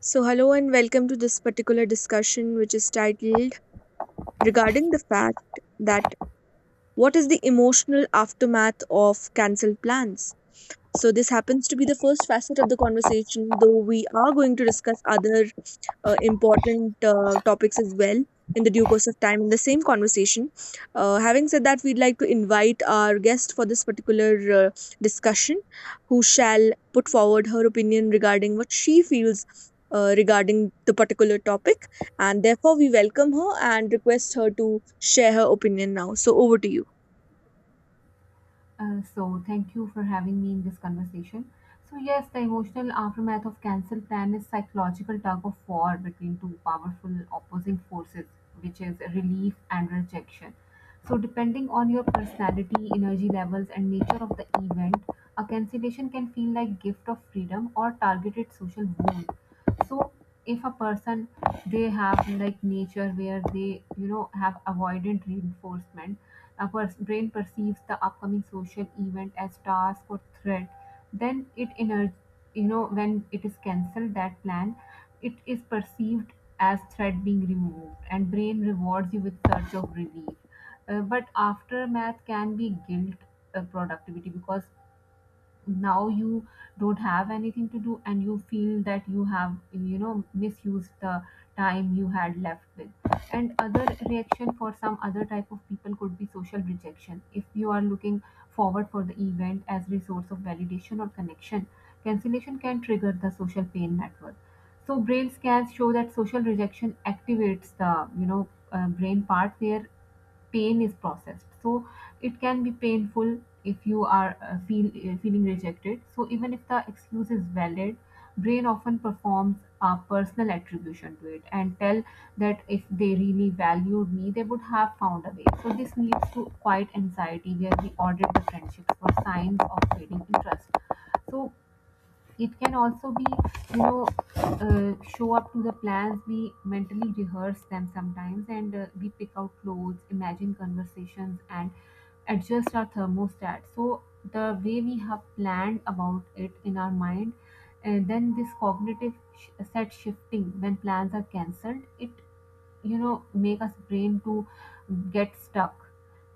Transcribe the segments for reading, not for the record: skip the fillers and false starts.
So, hello and welcome to this particular discussion, which is titled Regarding the Fact that what is the emotional aftermath of cancelled plans? So, this happens to be the first facet of the conversation, though we are going to discuss other important topics as well in the due course of time in the same conversation. Having said that, we'd like to invite our guest for this particular discussion, who shall put forward her opinion regarding what she feels regarding the particular topic. And therefore, we welcome her and request her to share her opinion now. So, over to you. Thank you for having me in this conversation. So, yes, the emotional aftermath of cancel plan is psychological tug of war between two powerful opposing forces, which is relief and rejection. So, depending on your personality, energy levels, and nature of the event, a cancellation can feel like gift of freedom or targeted social wound. So if a person, they have like nature where they have avoidant reinforcement, a brain perceives the upcoming social event as task or threat, then when it is cancelled that plan, it is perceived as threat being removed and brain rewards you with search of relief. But aftermath can be guilt, productivity, because now you don't have anything to do and you feel that you have misused the time you had left with. And other reaction for some other type of people could be social rejection. If you are looking forward for the event as resource of validation or connection, cancellation can trigger the social pain network. So brain scans show that social rejection activates the brain part where pain is processed. So it can be painful if you are feeling rejected. So even if the excuse is valid, brain often performs a personal attribution to it and tell that if they really valued me, they would have found a way. So this leads to quiet anxiety where we audit the friendships for signs of fading interest. So it can also be, you know, show up to the plans. We mentally rehearse them sometimes, and we pick out clothes, imagine conversations, and adjust our thermostat. So the way we have planned about it in our mind, and then this cognitive set shifting when plans are cancelled, it make us brain to get stuck,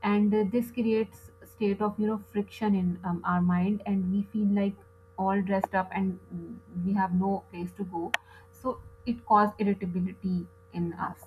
and this creates state of friction in our mind, and we feel like all dressed up and we have no place to go. So it caused irritability in us.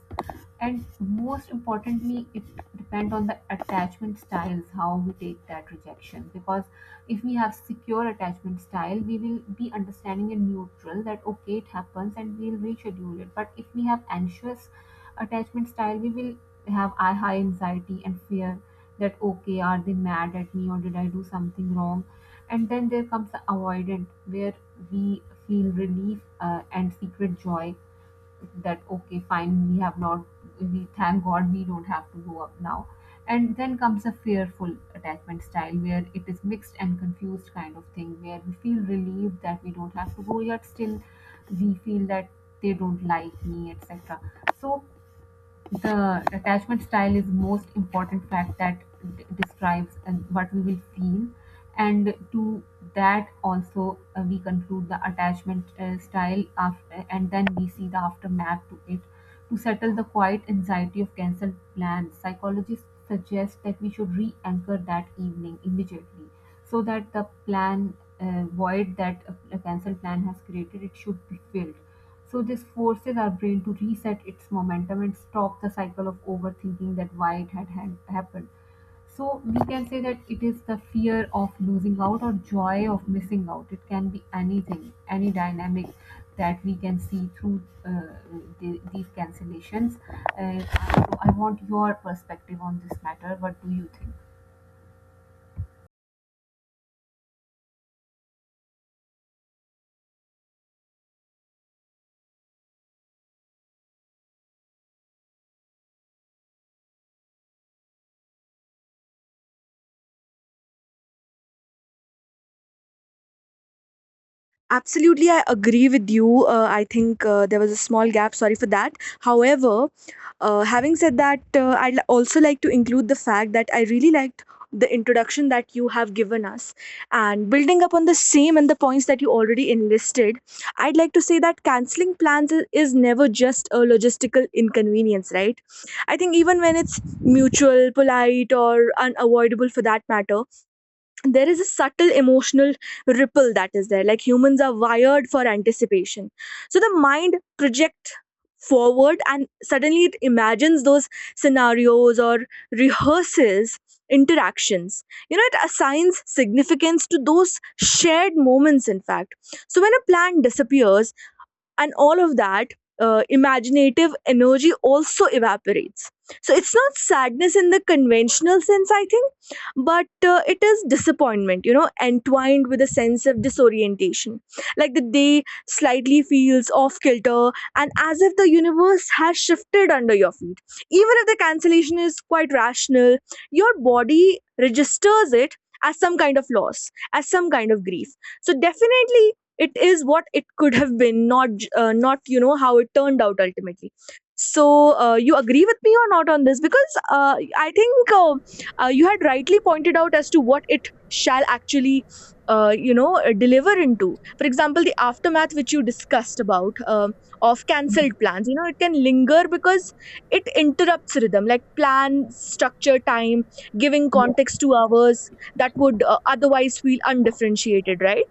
And most importantly, it depends on the attachment styles how we take that rejection. Because if we have secure attachment style, we will be understanding and neutral that okay, it happens and we'll reschedule it. But if we have anxious attachment style, we will have a high anxiety and fear that okay, are they mad at me or did I do something wrong? And then there comes the avoidant, where we feel relief and secret joy that okay, fine, we have not we thank god we don't have to go up now. And then comes a fearful attachment style where it is mixed and confused kind of thing, where we feel relieved that we don't have to go, yet still we feel that they don't like me, etc. So the attachment style is most important fact that describes and what we will feel. And to that also, we conclude the attachment style after, and then we see the aftermath to it. To settle the quiet anxiety of cancelled plans, psychologists suggest that we should re-anchor that evening immediately, so that the plan void that a cancelled plan has created, it should be filled. So this forces our brain to reset its momentum and stop the cycle of overthinking that why it had happened. So we can say that it is the fear of losing out or joy of missing out. It can be anything, any dynamic that we can see through these cancellations. Uh, so I want your perspective on this matter. What do you think? Absolutely, I agree with you. I think there was a small gap. Sorry for that. However, having said that, also like to include the fact that I really liked the introduction that you have given us. And building upon the same and the points that you already enlisted, I'd like to say that canceling plans is never just a logistical inconvenience, right? I think even when it's mutual, polite, or unavoidable for that matter, there is a subtle emotional ripple that is there, like humans are wired for anticipation. So the mind projects forward and suddenly it imagines those scenarios or rehearses interactions, you know, it assigns significance to those shared moments, in fact. So when a plan disappears and all of that imaginative energy also evaporates, so it's not sadness in the conventional sense, I think, but it is disappointment, you know, entwined with a sense of disorientation, like the day slightly feels off kilter and as if the universe has shifted under your feet. Even if the cancellation is quite rational, your body registers it as some kind of loss, as some kind of grief. So definitely, it is what it could have been, not how it turned out ultimately. So you agree with me or not on this, because I think you had rightly pointed out as to what it shall actually deliver into. For example, the aftermath which you discussed about, of Mm. cancelled plans, you know, it can linger because it interrupts rhythm, like plan structure time, giving Yeah. context to hours that would otherwise feel undifferentiated, right?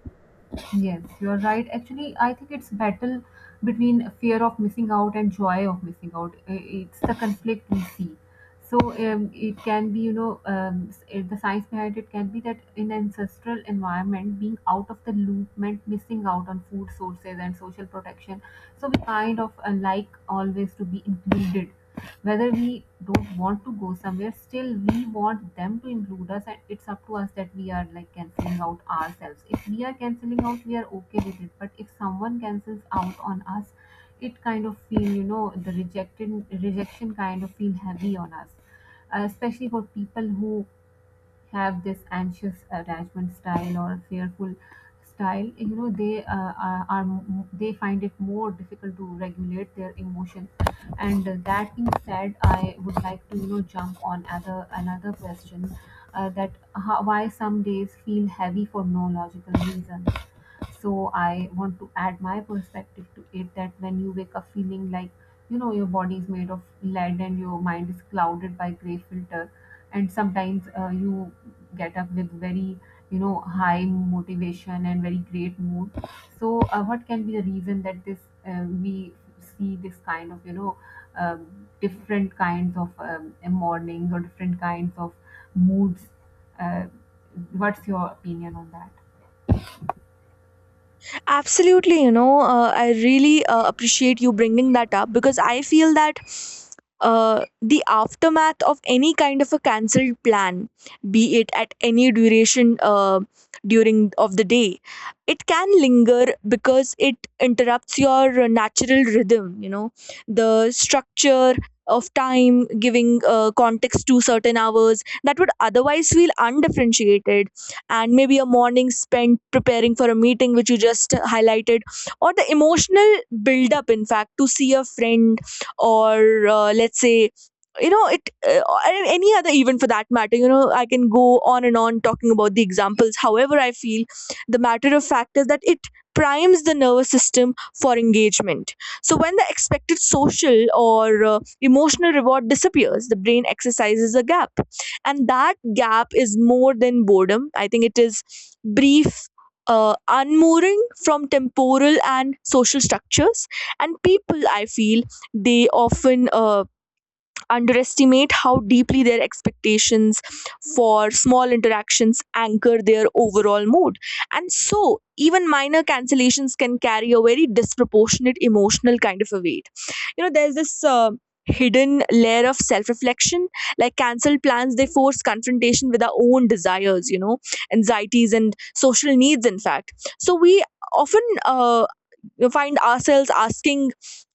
Yes, you're right. Actually, I think it's battle between fear of missing out and joy of missing out. I- It's the conflict we see. So it can be, the science behind it can be that in ancestral environment, being out of the loop meant missing out on food sources and social protection. So we kind of like always to be included. Whether we don't want to go somewhere, still we want them to include us, and it's up to us that we are like canceling out ourselves. If we are canceling out, we are okay with it. But if someone cancels out on us, it kind of feel you know the rejected rejection kind of feel heavy on us. Especially for people who have this anxious attachment style or fearful style, they are they find it more difficult to regulate their emotions. And that being said, I would like to jump on other another question, that how, why some days feel heavy for no logical reason. So I want to add my perspective to it, that when you wake up feeling like your body is made of lead and your mind is clouded by gray filter. And sometimes you get up with very high motivation and very great mood. So what can be the reason that this we see this kind of different kinds of mornings or different kinds of moods? uh, what's your opinion on that? Absolutely, you know, I really appreciate you bringing that up, because I feel that the aftermath of any kind of a cancelled plan, be it at any duration during of the day, it can linger because it interrupts your natural rhythm. You know, the structure of time, giving context to certain hours that would otherwise feel undifferentiated, and maybe a morning spent preparing for a meeting which you just highlighted, or the emotional build up in fact to see a friend, or let's say, you know, it or any other event for that matter, you know, I can go on and on talking about the examples. However, I feel the matter of fact is that it primes the nervous system for engagement. So when the expected social or emotional reward disappears, the brain exercises a gap, and that gap is more than boredom, I think. It is brief unmooring from temporal and social structures. And people, I feel, they often underestimate how deeply their expectations for small interactions anchor their overall mood. And so, even minor cancellations can carry a very disproportionate emotional kind of a weight. You know, there's this. Hidden layer of self-reflection, like cancelled plans, they force confrontation with our own desires, you know, anxieties and social needs, in fact. So we often we find ourselves asking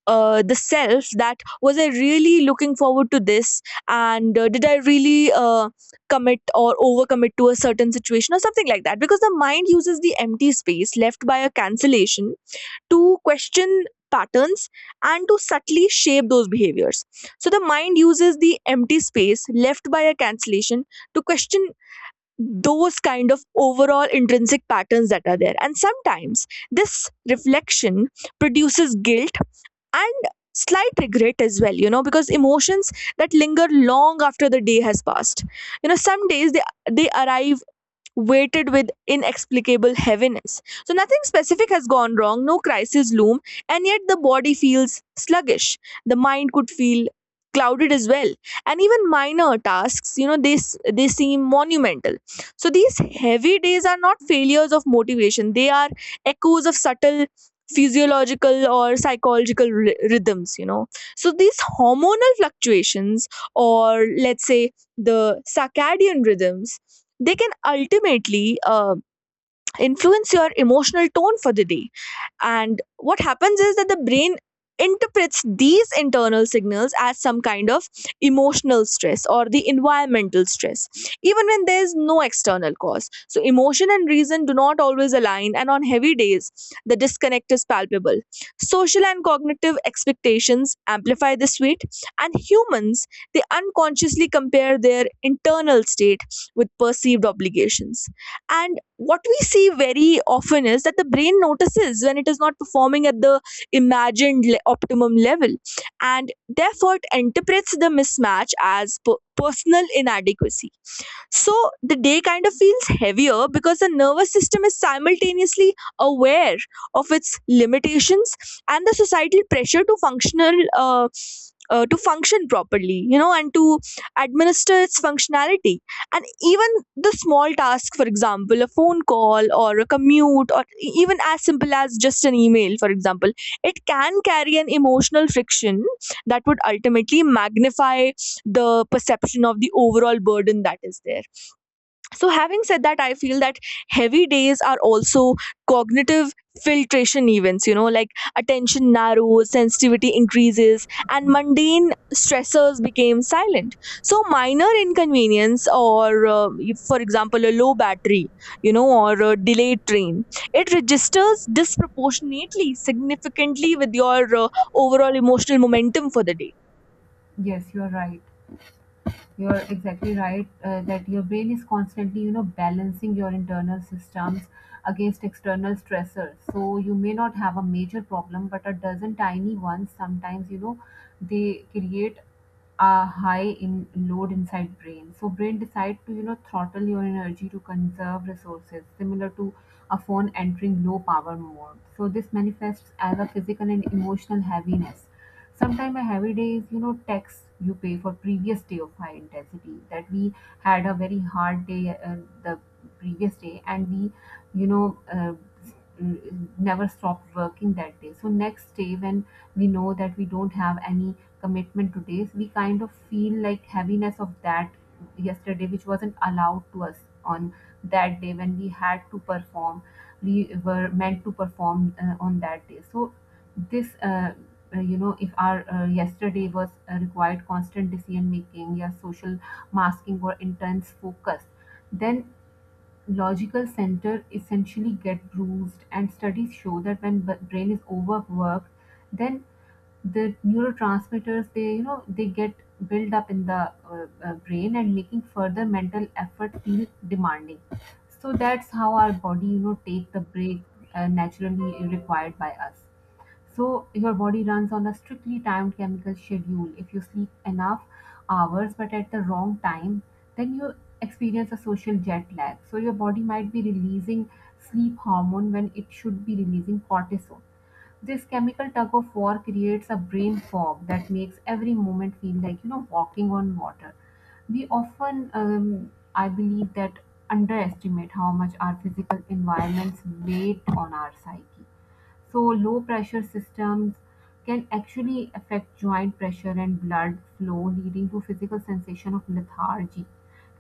the self, that was I really looking forward to this, and did I really commit or overcommit to a certain situation or something like that? Because the mind uses the empty space left by a cancellation to question patterns and to subtly shape those behaviors. So the mind uses the empty space left by a cancellation to question those kind of overall intrinsic patterns that are there. And sometimes this reflection produces guilt and slight regret as well, you know, because emotions that linger long after the day has passed. You know, some days they arrive weighted with inexplicable heaviness. So, nothing specific has gone wrong, no crises loom, and yet the body feels sluggish. The mind could feel clouded as well, and even minor tasks, you know, they seem monumental. So these heavy days are not failures of motivation, they are echoes of subtle physiological or psychological rhythms, you know. So these hormonal fluctuations, or let's say the circadian rhythms, they can ultimately influence your emotional tone for the day. And what happens is that the brain interprets these internal signals as some kind of emotional stress or the environmental stress, even when there is no external cause. So, emotion and reason do not always align, and on heavy days, the disconnect is palpable. Social and cognitive expectations amplify this weight, and humans, they unconsciously compare their internal state with perceived obligations, and what we see very often is that the brain notices when it is not performing at the imagined optimum level, and therefore it interprets the mismatch as personal inadequacy. So the day kind of feels heavier because the nervous system is simultaneously aware of its limitations and the societal pressure to functional to function properly, you know, and to administer its functionality. And even the small task, for example a phone call or a commute or even as simple as just an email for example, it can carry an emotional friction that would ultimately magnify the perception of the overall burden that is there. So having said that, I feel that heavy days are also cognitive filtration events, you know, like attention narrows, sensitivity increases, and mundane stressors became silent. So minor inconvenience or if, for example, a low battery, you know, or a delayed train, it registers disproportionately significantly with your overall emotional momentum for the day. yes you're right You're exactly right, that your brain is constantly, you know, balancing your internal systems against external stressors. So you may not have a major problem, but a dozen tiny ones sometimes, you know, they create a high in load inside brain. So brain decide to, you know, throttle your energy to conserve resources, similar to a phone entering low power mode. So this manifests as a physical and emotional heaviness. Sometimes a heavy day is, you know, tax you pay for previous day of high intensity, that we had a very hard day the previous day, and we, you know, uh, never stopped working that day. So next day, when we know that we don't have any commitment today, so we kind of feel like heaviness of that yesterday, which wasn't allowed to us on that day when we had to perform, we were meant to perform on that day. So this you know, if our yesterday was required constant decision making, yeah, social masking or intense focus, then logical center essentially get bruised. And studies show that when brain is overworked, then the neurotransmitters, they you know they get built up in the brain, and making further mental effort feel demanding. So that's how our body, you know, take the break naturally required by us. So your body runs on a strictly timed chemical schedule. If you sleep enough hours but at the wrong time, then you experience a social jet lag. So your body might be releasing sleep hormone when it should be releasing cortisol. This chemical tug of war creates a brain fog that makes every moment feel like you know walking on water. We often, I believe, that underestimate how much our physical environments weight on our psyche. So low pressure systems can actually affect joint pressure and blood flow, leading to physical sensation of lethargy.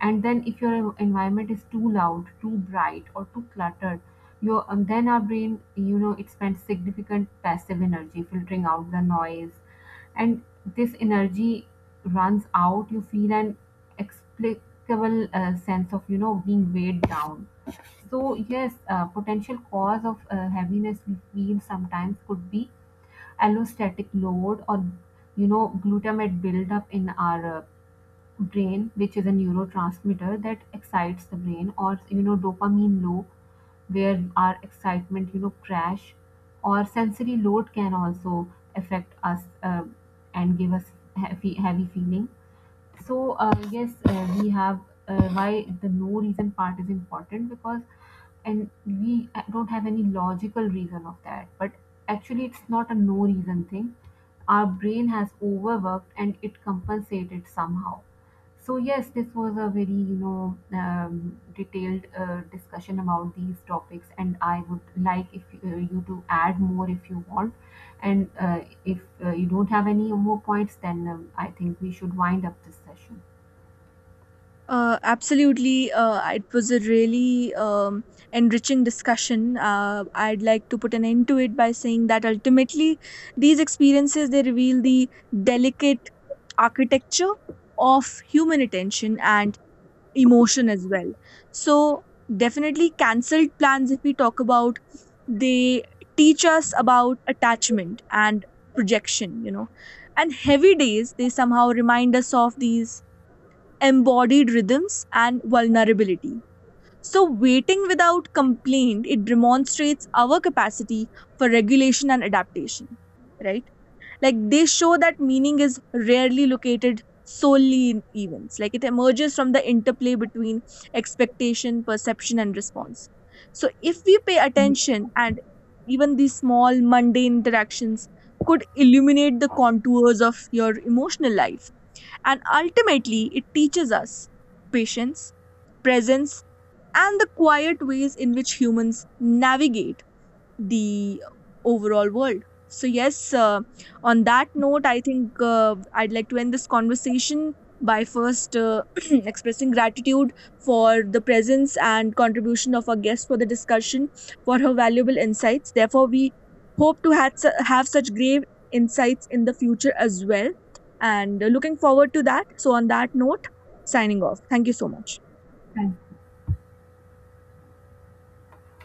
And then if your environment is too loud, too bright, or too cluttered, your then our brain, you know, it spends significant passive energy filtering out the noise, and this energy runs out. You feel an explicable sense of you know being weighed down. So yes, potential cause of heaviness we feel sometimes could be allostatic load, or you know glutamate buildup in our brain, which is a neurotransmitter that excites the brain, or you know dopamine loop where our excitement you know crash, or sensory load can also affect us and give us heavy feeling. So yes, we have why the no reason part is important, because and we don't have any logical reason of that. But actually it's not a no reason thing. Our brain has overworked and it compensated somehow. So yes, this was a very detailed discussion about these topics, and I would like if you to add more if you want. And if you don't have any more points, then I think we should wind up this session. Absolutely. It was a really enriching discussion. I'd like to put an end to it by saying that ultimately, these experiences, they reveal the delicate architecture of human attention and emotion as well. So definitely, cancelled plans, if we talk about, they teach us about attachment and projection, you know, and heavy days, they somehow remind us of these embodied rhythms and vulnerability. So, waiting without complaint, it demonstrates our capacity for regulation and adaptation, right? Like, they show that meaning is rarely located solely in events, like, it emerges from the interplay between expectation, perception, and response. So, if we pay Yeah, attention, and even these small mundane interactions could illuminate the contours of your emotional life, and ultimately, it teaches us patience, presence, and the quiet ways in which humans navigate the overall world. So, yes, on that note, I think I'd like to end this conversation by first expressing gratitude for the presence and contribution of our guest for the discussion, for her valuable insights. Therefore, we hope to have such grave insights in the future as well. And looking forward to that. So, on that note, signing off. Thank you so much. thank